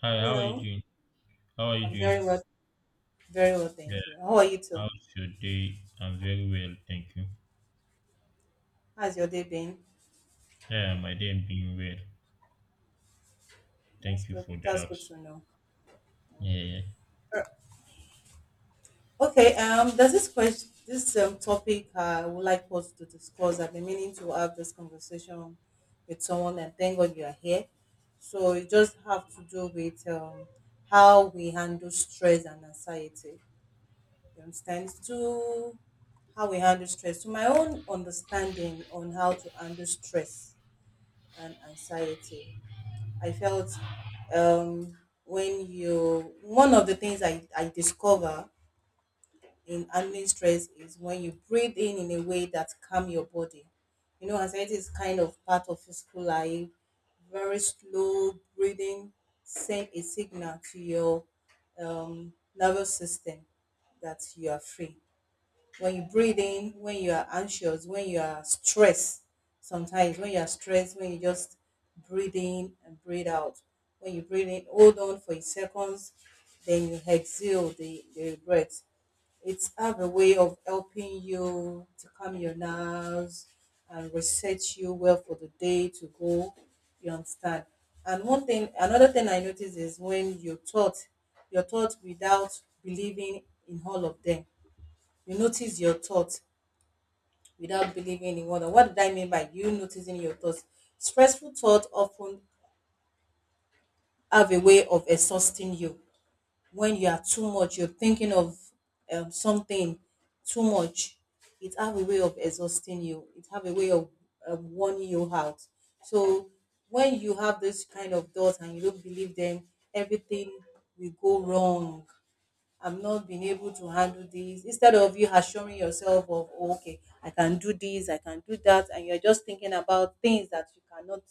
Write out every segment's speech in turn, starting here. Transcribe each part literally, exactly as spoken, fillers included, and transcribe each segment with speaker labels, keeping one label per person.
Speaker 1: Hi, how are you
Speaker 2: Hello.
Speaker 1: doing? How are you
Speaker 2: I'm
Speaker 1: doing?
Speaker 2: very well, very well,
Speaker 1: Yeah,
Speaker 2: thank you. How are you too?
Speaker 1: how's your day? I'm very well, thank you.
Speaker 2: How's your day been?
Speaker 1: Yeah, my day being well.
Speaker 2: That's
Speaker 1: Thank you
Speaker 2: good.
Speaker 1: for the
Speaker 2: That's good
Speaker 1: apps.
Speaker 2: to know.
Speaker 1: Yeah, yeah.
Speaker 2: Okay. Um, There's this question, this um, topic I would like us to discuss. I've been meaning to have this conversation with someone, and thank God you are here. So it just have to do with um, how we handle stress and anxiety. You understand? To how we handle stress. To my own understanding on how to handle stress and anxiety. I felt um, when you, one of the things I, I discover in handling stress is when you breathe in in a way that calm your body. You know, anxiety is kind of part of physical life. Very slow breathing send a signal to your um, nervous system that you are free when you breathe in, when you are anxious, when you are stressed, sometimes when you are stressed, when you just breathe in and breathe out. When you breathe in, hold on for seconds, then you exhale the, the breath. It's have a way of helping you to calm your nerves and reset you well for the day to go. You understand? And one thing, another thing I notice is when you thought, your thought without believing in all of them. You notice your thought without believing in wonder. What did I mean by you noticing your thoughts? Stressful thoughts often have a way of exhausting you. When you are too much, you're thinking of um, something too much. It have a way of exhausting you. It have a way of um, warning you out. So when you have this kind of thoughts and you don't believe them, everything will go wrong. I am not being able to handle this. Instead of you assuring yourself of, "Oh, okay, I can do this, I can do that," and you're just thinking about things that you cannot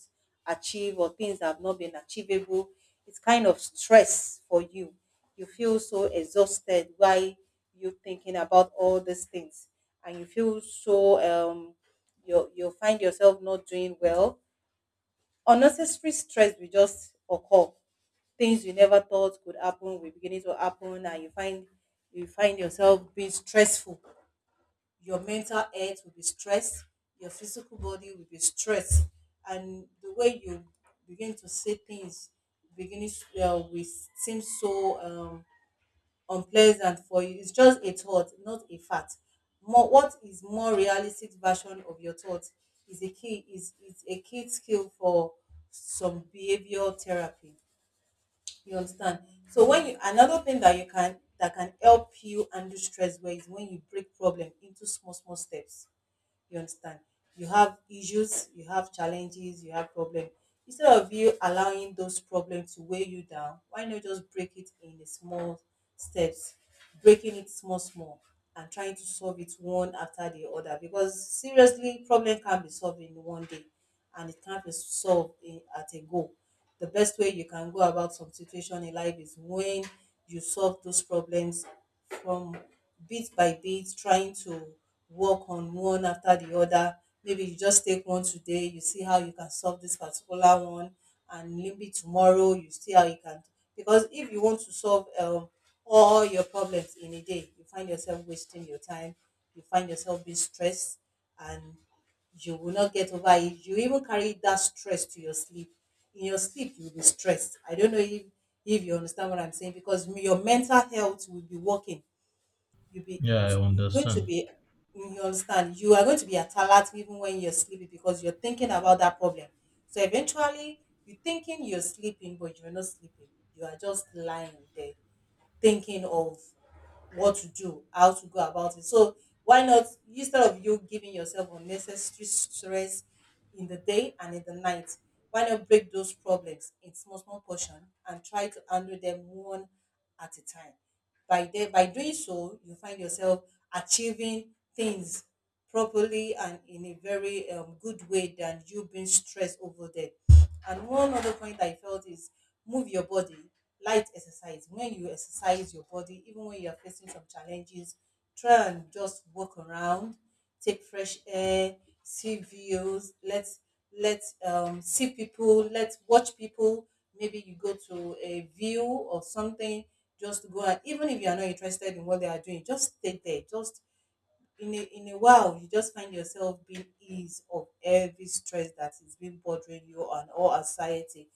Speaker 2: achieve or things that have not been achievable, it's kind of stress for you. You feel so exhausted while you thinking about all these things, and you feel so um, you you find yourself not doing well. Unnecessary stress will just occur. Things you never thought could happen will beginning to happen and you find you find yourself being stressful. Your mental health will be stressed, your physical body will be stressed, and the way you begin to see things beginning uh, will seem so um unpleasant for you. It's just a thought, not a fact. More, what is more realistic version of your thought is a key is is a key skill for some behavior therapy. You understand? So when you another thing that you can that can help you undo stress well is when you break problem into small small steps, you understand? You have issues, you have challenges, you have problem. Instead of you allowing those problems to weigh you down, why not just break it in the small steps, breaking it small, small, and trying to solve it one after the other? Because seriously, problem can be solved in one day and it can't be solved in, at a go. The best way you can go about some situation in life is when you solve those problems from bit by bit, trying to work on one after the other. Maybe you just take one today, you see how you can solve this particular one, and maybe tomorrow you see how you can. Because if you want to solve um, all your problems in a day, you find yourself wasting your time, you find yourself being stressed, and you will not get over it. You even carry that stress to your sleep. In your sleep, you will be stressed. I don't know if, if you understand what I'm saying because your mental health will be working. You'll be
Speaker 1: Yeah, I
Speaker 2: it's, you're going
Speaker 1: understand.
Speaker 2: to be you understand. You are going to be at alert even when you're sleeping because you're thinking about that problem. So eventually, you're thinking you're sleeping, but you're not sleeping. You are just lying there thinking of what to do, how to go about it. So why not instead of you giving yourself unnecessary stress in the day and in the night, why not break those problems in small small portion and try to handle them one at a time. By there, by doing so, you find yourself achieving things properly and in a very um, good way than you being stressed over them. And one other point I felt is move your body, light exercise. When you exercise your body, even when you are facing some challenges, try and just walk around, take fresh air, see views, let let um, see people, let watch people. Maybe you go to a view or something, just go and even if you are not interested in what they are doing, just stay there, just in a in a while you just find yourself being ease of every stress that is been bothering you and all anxiety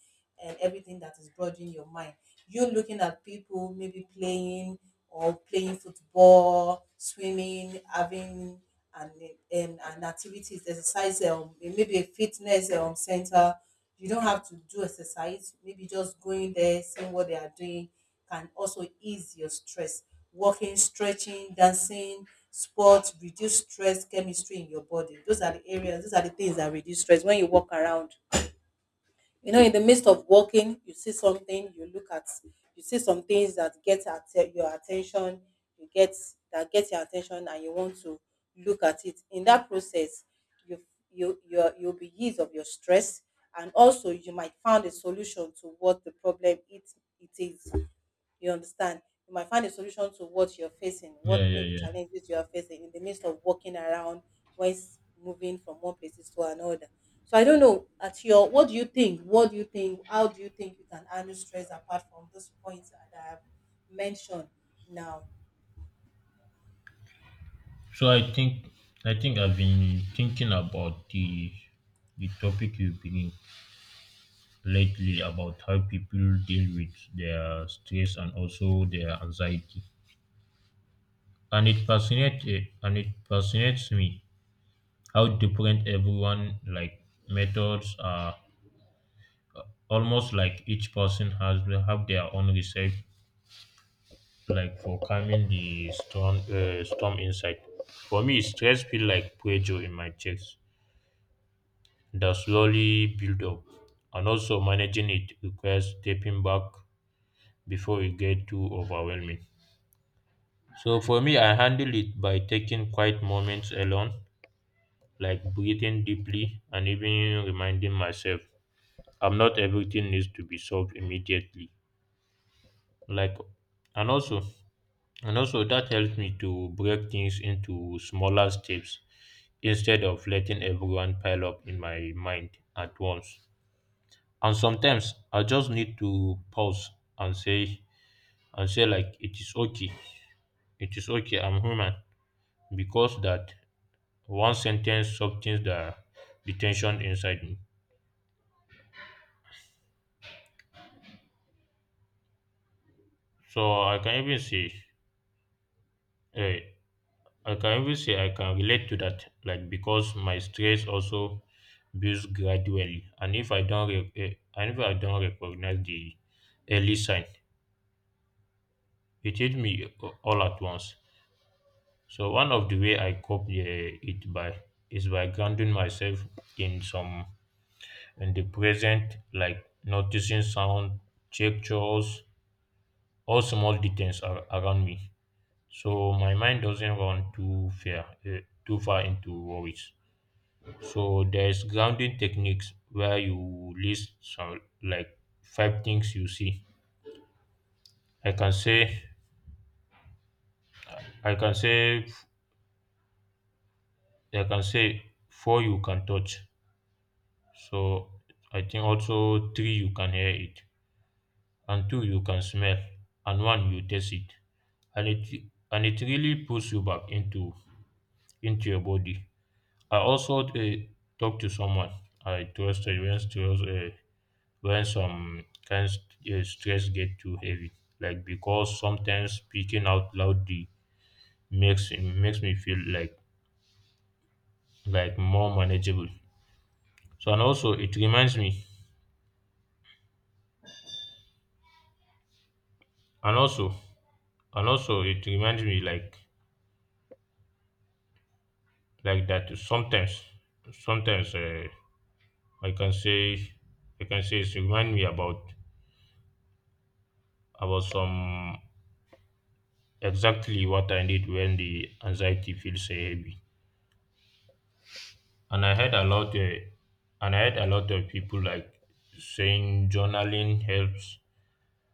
Speaker 2: and everything that is bothering your mind, you looking at people maybe playing or playing football, swimming, having and and and activities, exercise, um, maybe a fitness um, center. You don't have to do exercise. Maybe just going there, seeing what they are doing can also ease your stress. Walking, stretching, dancing, sports reduce stress chemistry in your body. Those are the areas. Those are the things that reduce stress. When you walk around, you know, in the midst of walking you see something you look at, you see some things that get at your attention, you get that get your attention and you want to look at it. In that process you you you you'll be eased of your stress and also you might find a solution to what the problem it, it is, you understand? You might find a solution to what you're facing,
Speaker 1: Yeah,
Speaker 2: what
Speaker 1: yeah,
Speaker 2: maybe
Speaker 1: yeah.
Speaker 2: challenges you are facing in the midst of walking around, whilst moving from one places to another. So I don't know. At your, what do you think? What do you think? How do you think you can handle stress apart from those points that I have mentioned now?
Speaker 1: So I think I think I've been thinking about the the topic you've been lately, about how people deal with their stress and also their anxiety. And it fascinates and it fascinates me how different everyone like methods are, almost like each person has, will have their own recipe, like for calming the storm, uh, storm inside. For me, stress feel like pressure in my chest that slowly build up, and also managing it requires stepping back before it get too overwhelming. So for me, I handle it by taking quiet moments alone, like breathing deeply and even reminding myself, I'm not everything needs to be solved immediately, like. And also And also, that helps me to break things into smaller steps instead of letting everyone pile up in my mind at once. And sometimes I just need to pause and say, and say like, it is okay. It is okay. I'm human. Because that one sentence softens the, the tension inside me. So I can even say, hey, I can even say I can relate to that, like, because my stress also builds gradually, and if I don't, re- eh, and if I don't recognize the early sign, it hit me all at once. So one of the way I cope, eh, it by is by grounding myself in some in the present, like noticing sound, gestures, all small details ar- around me, so my mind doesn't run too far eh, too far into worries. So there's grounding techniques where you list some, like five things you see. I can say I can say I can say four you can touch. So I think also three you can hear it, and two you can smell, and one you taste it, and it and it really pulls you back into into your body. I also uh, talked to someone I trusted once to uh, when some kind st- uh, stress get too heavy, like because sometimes speaking out loudly makes makes me feel like, like more manageable. So and also it reminds me and also and also it reminds me, like like that sometimes sometimes uh, i can say i can say it remind me about about some, exactly what I need when the anxiety feels uh, heavy. And I heard a lot, uh, and I heard a lot of people, like, saying journaling helps,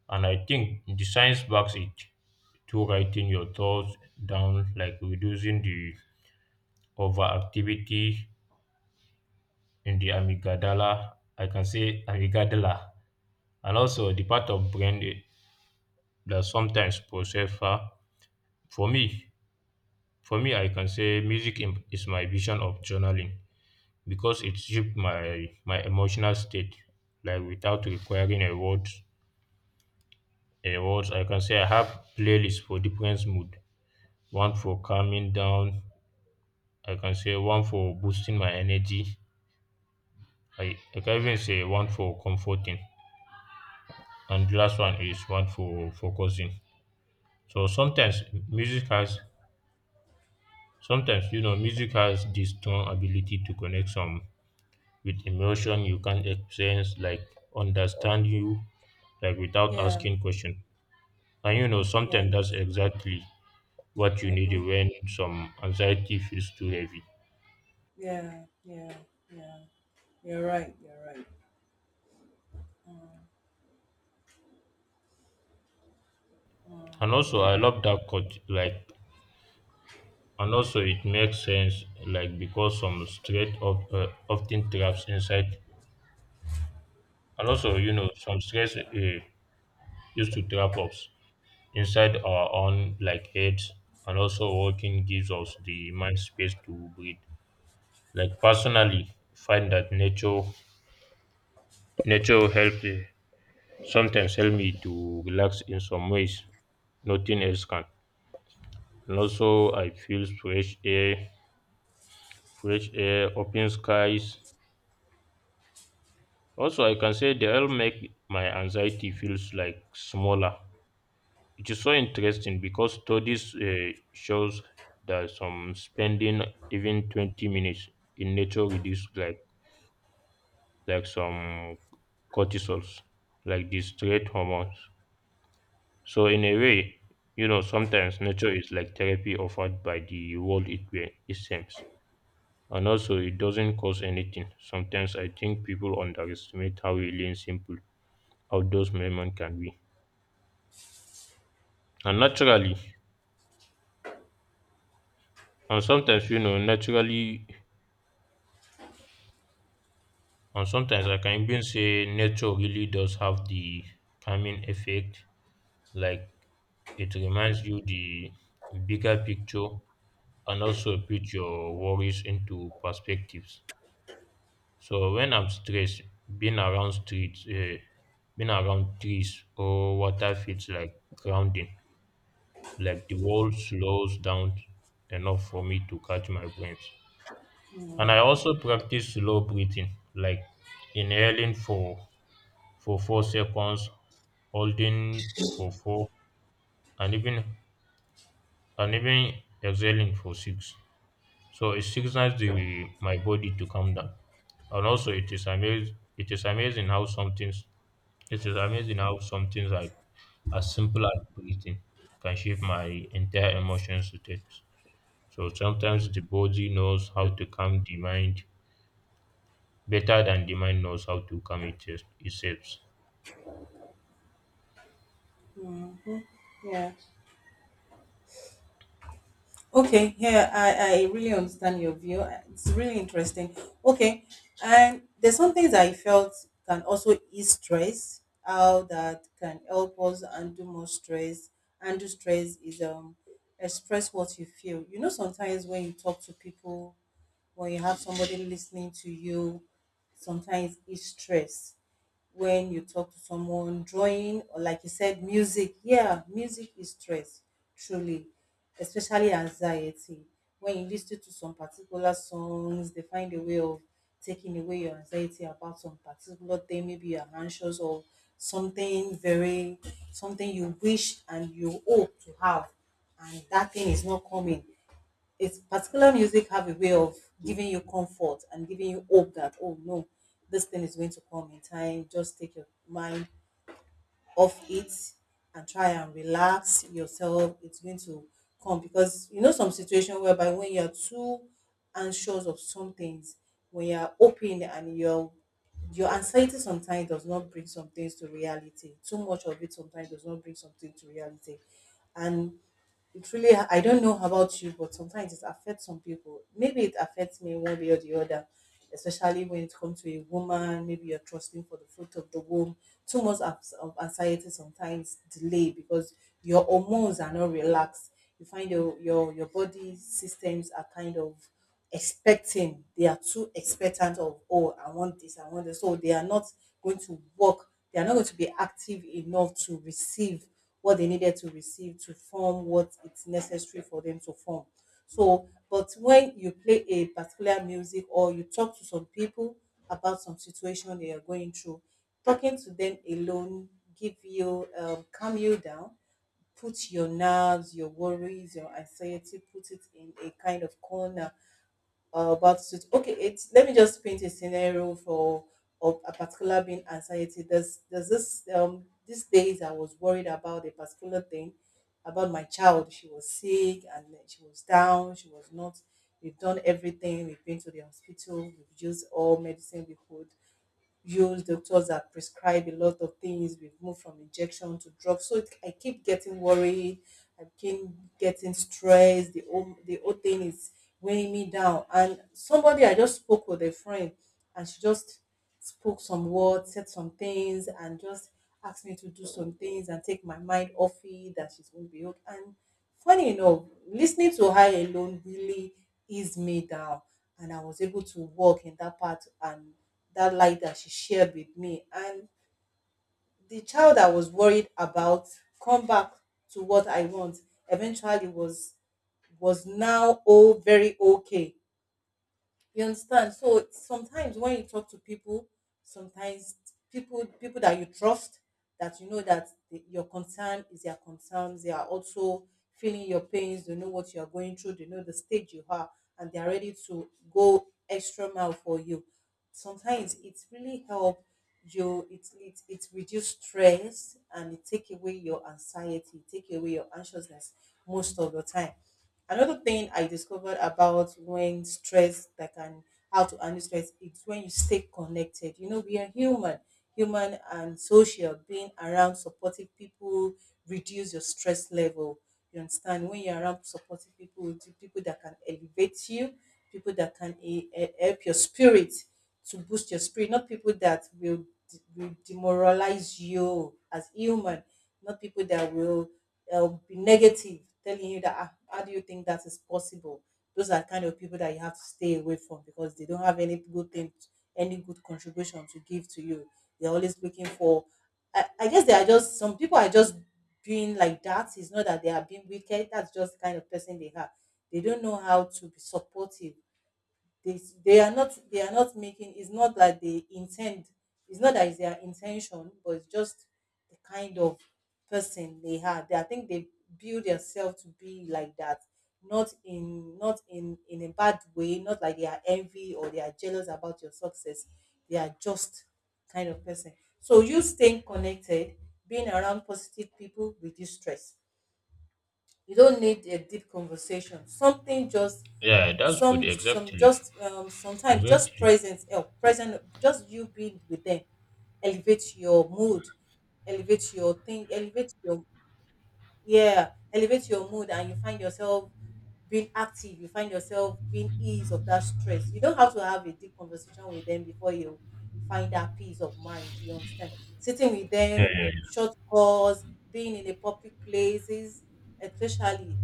Speaker 1: and I think the science backs it. To writing your thoughts down, like reducing the overactivity in the amygdala, I can say amygdala, and also the part of brain i- that sometimes process far. For me, for me, I can say music im- is my vision of journaling, because it shaped my my emotional state, like, without requiring a word a words. I can say I have playlists for different mood: one for calming down, I can say one for boosting my energy, i, I can even say one for comforting, and the last one is one for focusing. So sometimes music has sometimes you know music has this strong ability to connect some with emotion you can't experience, like understand you, like without
Speaker 2: Yeah.
Speaker 1: asking question. And you
Speaker 2: Mm-hmm.
Speaker 1: know,
Speaker 2: Yeah.
Speaker 1: sometimes that's exactly what you need
Speaker 2: Mm-hmm.
Speaker 1: when some anxiety feels too heavy.
Speaker 2: Yeah. Yeah. Yeah. You're right. You're right.
Speaker 1: And also,
Speaker 2: Mm-hmm.
Speaker 1: I
Speaker 2: Yeah.
Speaker 1: love that cut. Like, and also, it makes sense. Like, because some stress of, uh, often traps inside. And also, you know, some stress uh, used to trap us inside our own, like, heads. And also, walking gives us the mind space to breathe. Like, personally, find that nature, nature help. Uh, sometimes help me to relax in some ways nothing else can. And also, I feel fresh air, fresh air, open skies. Also, I can say they all make my anxiety feels, like, smaller. It is so interesting because studies uh, shows that some spending even twenty minutes in nature reduce, like like some cortisols, like the stress hormones. So in a way, you know, sometimes nature is like therapy offered by the world, it, it seems. And also, it doesn't cost anything. Sometimes I think people underestimate how really and simple outdoors movement can be. And naturally, and sometimes, you know, naturally, and sometimes I can even say nature really does have the calming effect. Like it reminds you the bigger picture and also put your worries into perspectives. So when I'm stressed, being around streets, uh, being around trees or water feels like grounding. Like the world slows down enough for me to catch my breath. And I also practice slow breathing, like inhaling for for four seconds, holding for four, and even and even exhaling for six. So it signals the my body to calm down. And also, it is amazing, it is amazing how some things it is amazing how some things, like, as simple as breathing can shape my entire emotional state. So sometimes the body knows how to calm the mind better than the mind knows how to calm it, itself.
Speaker 2: Mm-hmm. Yeah. Okay, yeah, I, I really understand your view. It's really interesting. Okay, and there's some things I felt can also ease stress, how that can help us undo more stress. Undo stress is um express what you feel. You know, sometimes when you talk to people, when you have somebody listening to you, sometimes it's stress when you talk to someone, drawing, or like you said, music. Yeah, music is stress, truly, especially anxiety. When you listen to some particular songs, they find a way of taking away your anxiety about some particular thing. Maybe you're anxious or something very, something you wish and you hope to have, and that thing is not coming, it's particular music have a way of giving you comfort and giving you hope that, oh no, this thing is going to come in time, just take your mind off it and try and relax yourself, it's going to come. Because you know some situation whereby when you're too anxious of some things, when you're open and you're, your anxiety sometimes does not bring some things to reality. Too much of it sometimes does not bring something to reality. And it really, I don't know about you, but sometimes it affects some people. Maybe it affects me one way or the other, especially when it comes to a woman. Maybe you're trusting for the fruit of the womb. Too much abs- of anxiety sometimes delay because your hormones are not relaxed. You find your your your body systems are kind of expecting. They are too expectant of, oh, I want this, I want this. So they are not going to work. They are not going to be active enough to receive what they needed to receive to form what it's necessary for them to form. So, but when you play a particular music or you talk to some people about some situation they are going through, talking to them alone give you um, calm you down, put your nerves, your worries, your anxiety, put it in a kind of corner uh, about it. Okay, it's let me just paint a scenario for of a particular being anxiety. There's there's this um these days I was worried about a particular thing about my child. She was sick and then she was down. She was not. We've done everything. We've been to the hospital. We've used all medicine we could use, doctors that prescribe a lot of things. We've moved from injection to drugs, so it, i keep getting worried, i keep getting stressed. The whole the whole thing is weighing me down, and somebody, I just spoke with a friend, and she just spoke some words, said some things, and just asked me to do some things and take my mind off it, that she's going to be okay. And funny enough, listening to her alone really eased me down, and I was able to walk in that path and that light that she shared with me. And the child I was worried about, come back to what I want, eventually was was now all very okay. You understand? So sometimes when you talk to people, sometimes people people that you trust, that you know that the, your concern is their concerns, they are also feeling your pains. They know what you are going through. They know the stage you are, and they are ready to go extra mile for you. Sometimes it's really help you. It it it reduce stress and it take away your anxiety, take away your anxiousness most of the time. Another thing I discovered about when stress that can how to handle stress is when you stay connected. You know, we are human, human and social. Being around supportive people reduce your stress level. You understand? When you're around supportive people, the people that can elevate you, people that can eh, eh, help your spirit to boost your spirit, not people that will, de- will demoralize you as human, not people that will they'll be negative, telling you that "Ah, how do you think that is possible? Those are kind of people that you have to stay away from, because they don't have any good thing, any good contribution to give to you. They're always looking for. I, I guess they are just, some people are just being like that. It's not that they are being wicked. That's just the kind of person they have. They don't know how to be supportive. They they are not they are not making, it's not that they intend, it's not that it's their intention, but it's just the kind of person they had. They, I think they build themselves to be like that, not in not in in a bad way, not like they are envy or they are jealous about your success. They are just kind of person. So you staying connected, being around positive people reduce stress. You don't need a deep conversation, something just,
Speaker 1: Yeah, that's good.
Speaker 2: some some
Speaker 1: Exactly.
Speaker 2: just um sometimes just
Speaker 1: Exactly.
Speaker 2: presence help, present, just you being with them elevates your mood, elevates your thing, elevates your, yeah, elevate your mood, and you find yourself being active, you find yourself being ease of that stress. You don't have to have a deep conversation with them before you find that peace of mind. You understand? Sitting with
Speaker 1: Yeah,
Speaker 2: them,
Speaker 1: yeah,
Speaker 2: short calls, being in a public places, especially,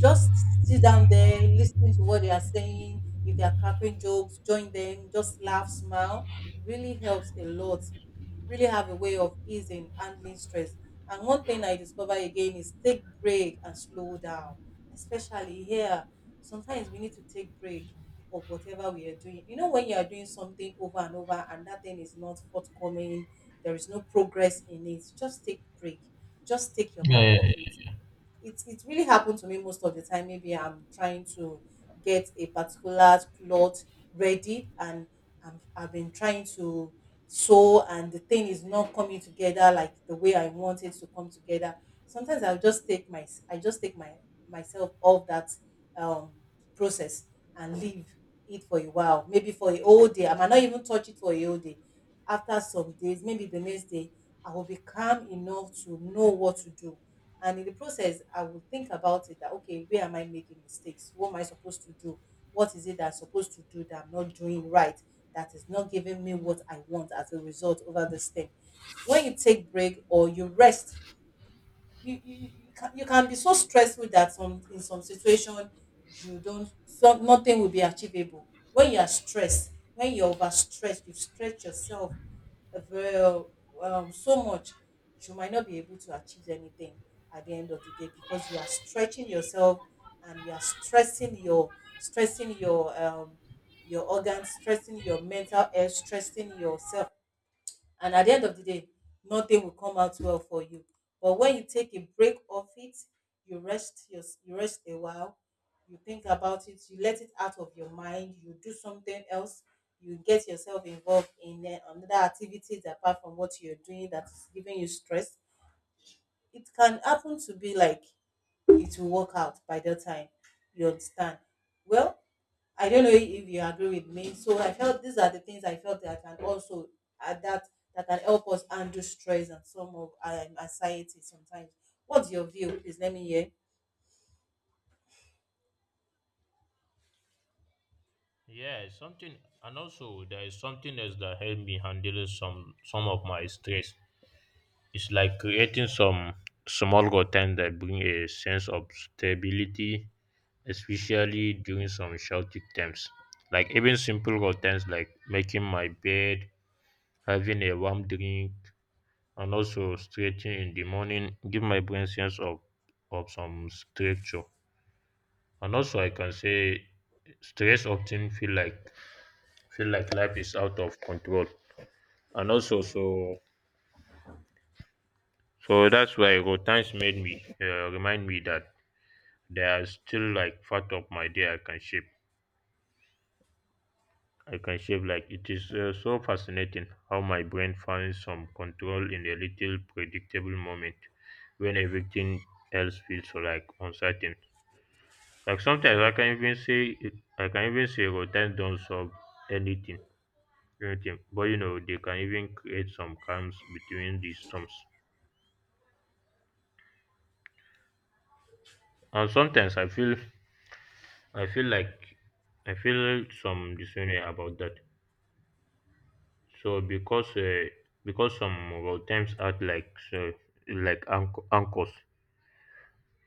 Speaker 2: just sit down there listening to what they are saying. If they are cracking jokes, join them, just laugh, smile, really helps a lot, really have a way of easing, handling stress. And one thing I discover again is take break and slow down, especially here. Sometimes we need to take break of whatever we are doing. You know, when you are doing something over and over and that thing is not forthcoming, there is no progress in it, just take break. Just take your
Speaker 1: yeah.
Speaker 2: mind
Speaker 1: Yeah,
Speaker 2: off
Speaker 1: yeah.
Speaker 2: it. it it really happened to me most of the time. Maybe I'm trying to get a particular cloth ready, and I'm, I've been trying to sew, and the thing is not coming together like the way I want it to come together. Sometimes I'll just take my I just take my myself off that um process and leave it for a while, maybe for a whole day. I might not even touch it for a whole day. After some days, maybe the next day, I will be calm enough to know what to do, and in the process I will think about it, that okay, where am I making mistakes, what am I supposed to do, what is it that I'm supposed to do that I'm not doing right, that is not giving me what I want as a result over this thing. When you take break or you rest, you you, you, can, you can be so stressful that some in some situation you don't, some nothing will be achievable. When you are stressed, when you're overstressed, you've stretched yourself well, um, so much, you might not be able to achieve anything at the end of the day, because you are stretching yourself, and you are stressing your, stressing your um, your organs, stressing your mental health, stressing yourself, and at the end of the day, nothing will come out well for you. But when you take a break off it, you rest your, you rest a while, you think about it, you let it out of your mind, you do something else, you get yourself involved in uh, another activities apart from what you're doing that is giving you stress, it can happen to be like, it will work out by that time. You understand? Well, I don't know if you agree with me. So I felt these are the things I felt that can also add that, that can help us handle stress and some of um, anxiety sometimes. What's your view? Please let me hear.
Speaker 1: Yeah, something, and also there is something else that helped me handle some some of my stress. It's like creating some small routine that bring a sense of stability, especially during some chaotic times. Like, even simple routines, like making my bed, having a warm drink, and also stretching in the morning, give my brain sense of of some structure. And also, I can say stress often feel like, feel like life is out of control. And also, so so that's why routines made me uh, remind me that there are still, like, part of my day I can shape, i can shape like. It is, uh, so fascinating how my brain finds some control in a little predictable moment when everything else feels, like, uncertain. Like sometimes I can even say I can even say routine don't solve anything, anything. But you know, they can even create some calms between these storms. And sometimes I feel I feel like I feel some this about that. So because uh, because some routines act like so, like anch- anchors,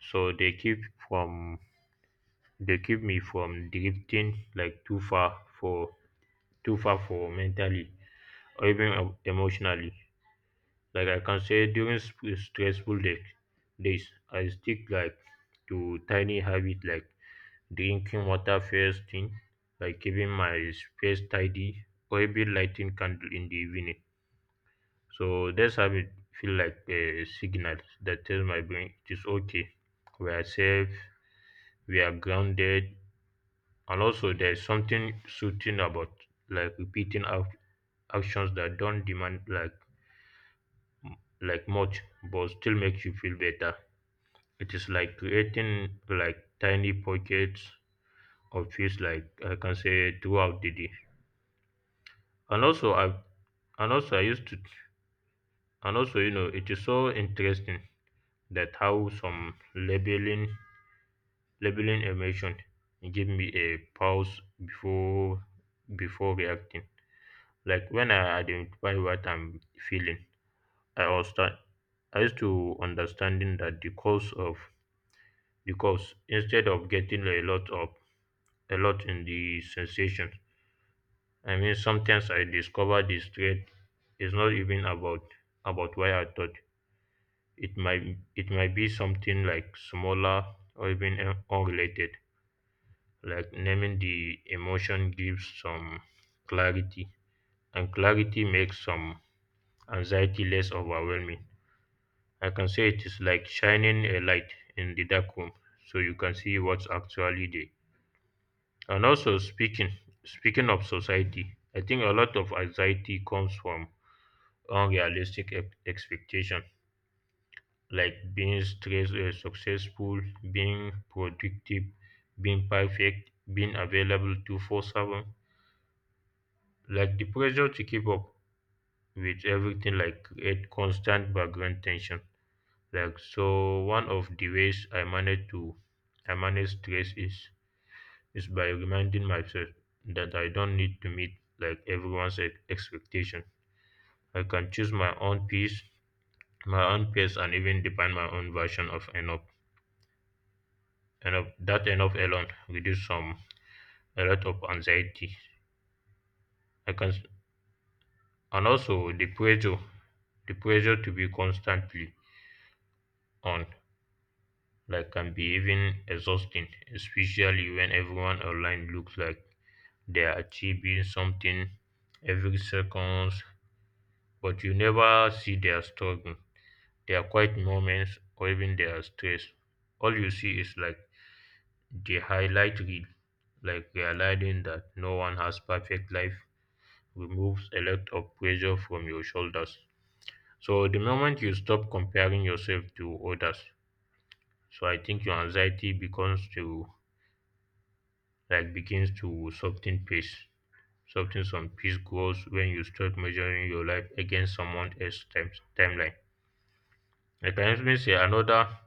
Speaker 1: so they keep from they keep me from drifting, like, too far for too far for mentally or even uh, emotionally. Like I can say, during sp- stressful day, days, I stick, like, to tiny habit, like drinking water first thing, like keeping my space tidy or even lighting candle in the evening. So this habit feel like a signal that tells my brain, it is okay, we are safe, we are grounded. And also, there's something soothing about, like, repeating out actions that don't demand, like like much, but still make you feel better. It is like creating, like, tiny pockets of peace, like I can say throughout the day. And also, I and also I used to, and also you know, it is so interesting, that how some labeling, labeling emotion give me a pause before, before reacting. Like when I identify what I'm feeling, I was start I used to understanding that the cause of the cause, instead of getting a lot of a lot in the sensations. I mean, sometimes I discover this thread is not even about about why I thought, it might it might be something, like, smaller or even un- unrelated. Like naming the emotion gives some clarity, and clarity makes some anxiety less overwhelming. I can say it is like shining a light in the dark room, so you can see what's actually there. And also, speaking speaking of society, I think a lot of anxiety comes from unrealistic ex- expectation, like being stress uh, successful, being productive, being perfect, being available to four seven. Like the pressure to keep up with everything, like, create constant background tension. Like, so, one of the ways I manage to I manage stress is is by reminding myself that I don't need to meet, like, everyone's e- expectation. I can choose my own pace, my own pace, and even define my own version of enough. Enough, that enough alone reduce some a lot of anxiety. I can s- and also, the pressure, the pressure to be constantly on, like, can be even exhausting, especially when everyone online looks like they are achieving something every second. But you never see their struggle, their quiet moments, or even their stress. All you see is, like, the highlight reel. Like, realizing that no one has perfect life removes a lot of pressure from your shoulders. So the moment you stop comparing yourself to others, so I think your anxiety becomes to like begins to soften pace. Soften some peace grows when you start measuring your life against someone else's time, timeline. Like I can even say another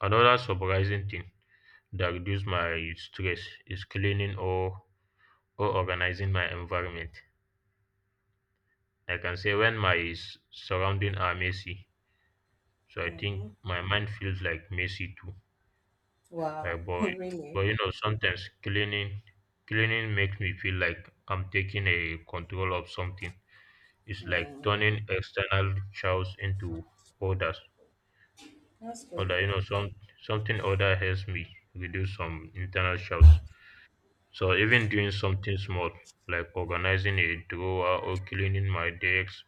Speaker 1: Another surprising thing that reduces my stress is cleaning or or organizing my environment. I can say when my s- surrounding are messy, so I
Speaker 2: Mm-hmm.
Speaker 1: think my mind feels, like, messy too. Like,
Speaker 2: Wow,
Speaker 1: but
Speaker 2: really?
Speaker 1: but you know sometimes cleaning cleaning makes me feel like I'm taking a control of something. It's like
Speaker 2: Mm-hmm.
Speaker 1: turning external chores into orders.
Speaker 2: That's good.
Speaker 1: Order, you know, some something order helps me reduce some internal chores. So even doing something small, like organizing a drawer or cleaning my desk,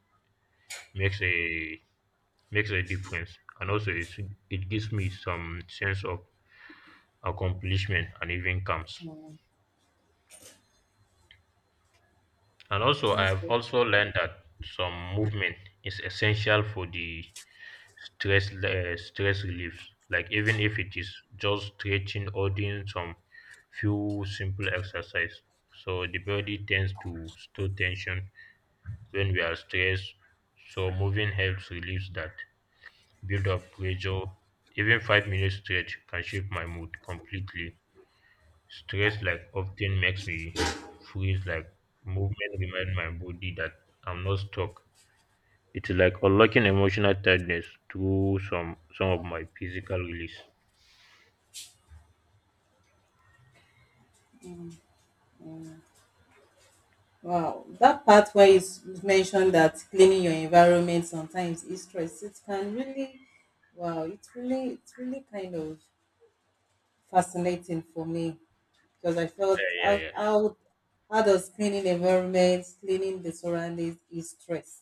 Speaker 1: makes a makes a difference. And also, it it gives me some sense of accomplishment and even comes.
Speaker 2: Mm.
Speaker 1: And also, I
Speaker 2: That's
Speaker 1: have
Speaker 2: good.
Speaker 1: also learned that some movement is essential for the stress uh, stress relief. Like, even if it is just stretching or doing some few simple exercise, so the body tends to store tension when we are stressed. So moving helps relieves that build up pressure. Even five minute stretch can shape my mood completely. Stress, like, often makes me freeze, like movement remind my body that I'm not stuck. It's like unlocking emotional tiredness through some some of my physical release.
Speaker 2: Mm. Wow, that part where you s- mentioned that cleaning your environment sometimes is stress. It can really, wow, it's really, it's really kind of fascinating for me. Because I felt
Speaker 1: Yeah, yeah,
Speaker 2: how,
Speaker 1: yeah.
Speaker 2: how, how does cleaning environments, cleaning the surroundings is stress.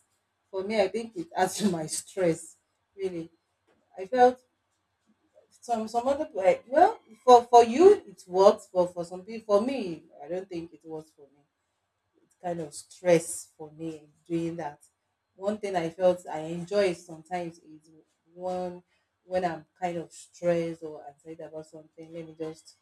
Speaker 2: For me, I think it adds to my stress, really. I felt some some other, like, well, for for you it works, but for some people, for me, I don't think it works for me. It's kind of stress for me doing that. One thing I felt I enjoy sometimes is, one, when I'm kind of stressed or anxiety about something, let me just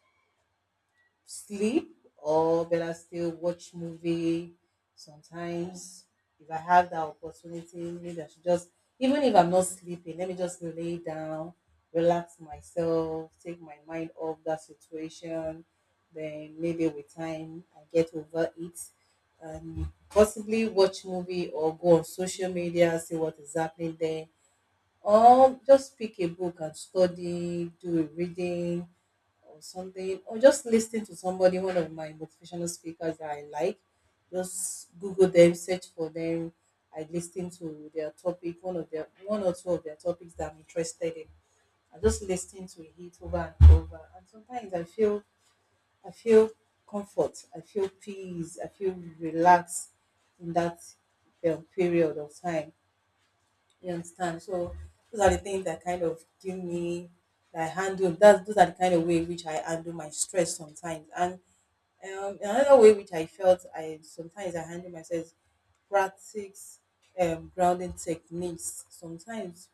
Speaker 2: sleep, or better still, watch movie. Sometimes, if I have that opportunity, maybe I should just, even if I'm not sleeping, let me just lay down, relax myself, take my mind off that situation, then maybe with time I get over it, and possibly watch movie or go on social media, see what is happening there, or just pick a book and study, do a reading or something, or just listen to somebody, one of my motivational speakers that I like. Just Google them, search for them. I listen to their topic, one of their, one or two of their topics that I'm interested in. I just listen to it over and over. And sometimes I feel, I feel comfort, I feel peace, I feel relaxed in that um, period of time. You understand? So those are the things that kind of give me, that I handle. That's, those are the kind of way which I handle my stress sometimes. And um, another way which I felt I sometimes I handle myself is practice um, grounding techniques. Sometimes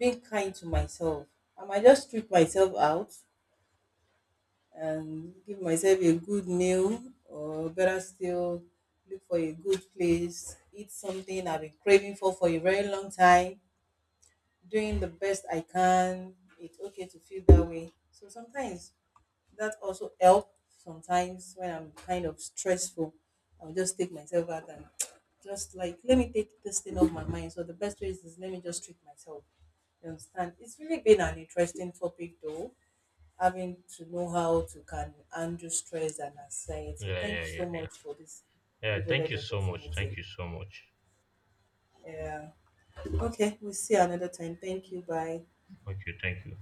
Speaker 2: being kind to myself, I might just treat myself out and give myself a good meal, or better still, look for a good place, eat something I've been craving for for a very long time, doing the best I can. It's okay to feel that way. So sometimes that also helps. Sometimes when I'm kind of stressful, I'll just take myself out and just like, let me take this thing off my mind. So the best way is, is let me just treat myself. You understand? It's really been an interesting topic though, having to know how to can handle stress and anxiety.
Speaker 1: Yeah,
Speaker 2: Thank
Speaker 1: yeah,
Speaker 2: you
Speaker 1: yeah,
Speaker 2: so
Speaker 1: yeah.
Speaker 2: much for this
Speaker 1: Yeah, thank
Speaker 2: privileged
Speaker 1: you so much.
Speaker 2: opportunity.
Speaker 1: Thank you so much.
Speaker 2: Yeah. Okay, we'll see you another time. Thank you. Bye.
Speaker 1: Okay, thank you.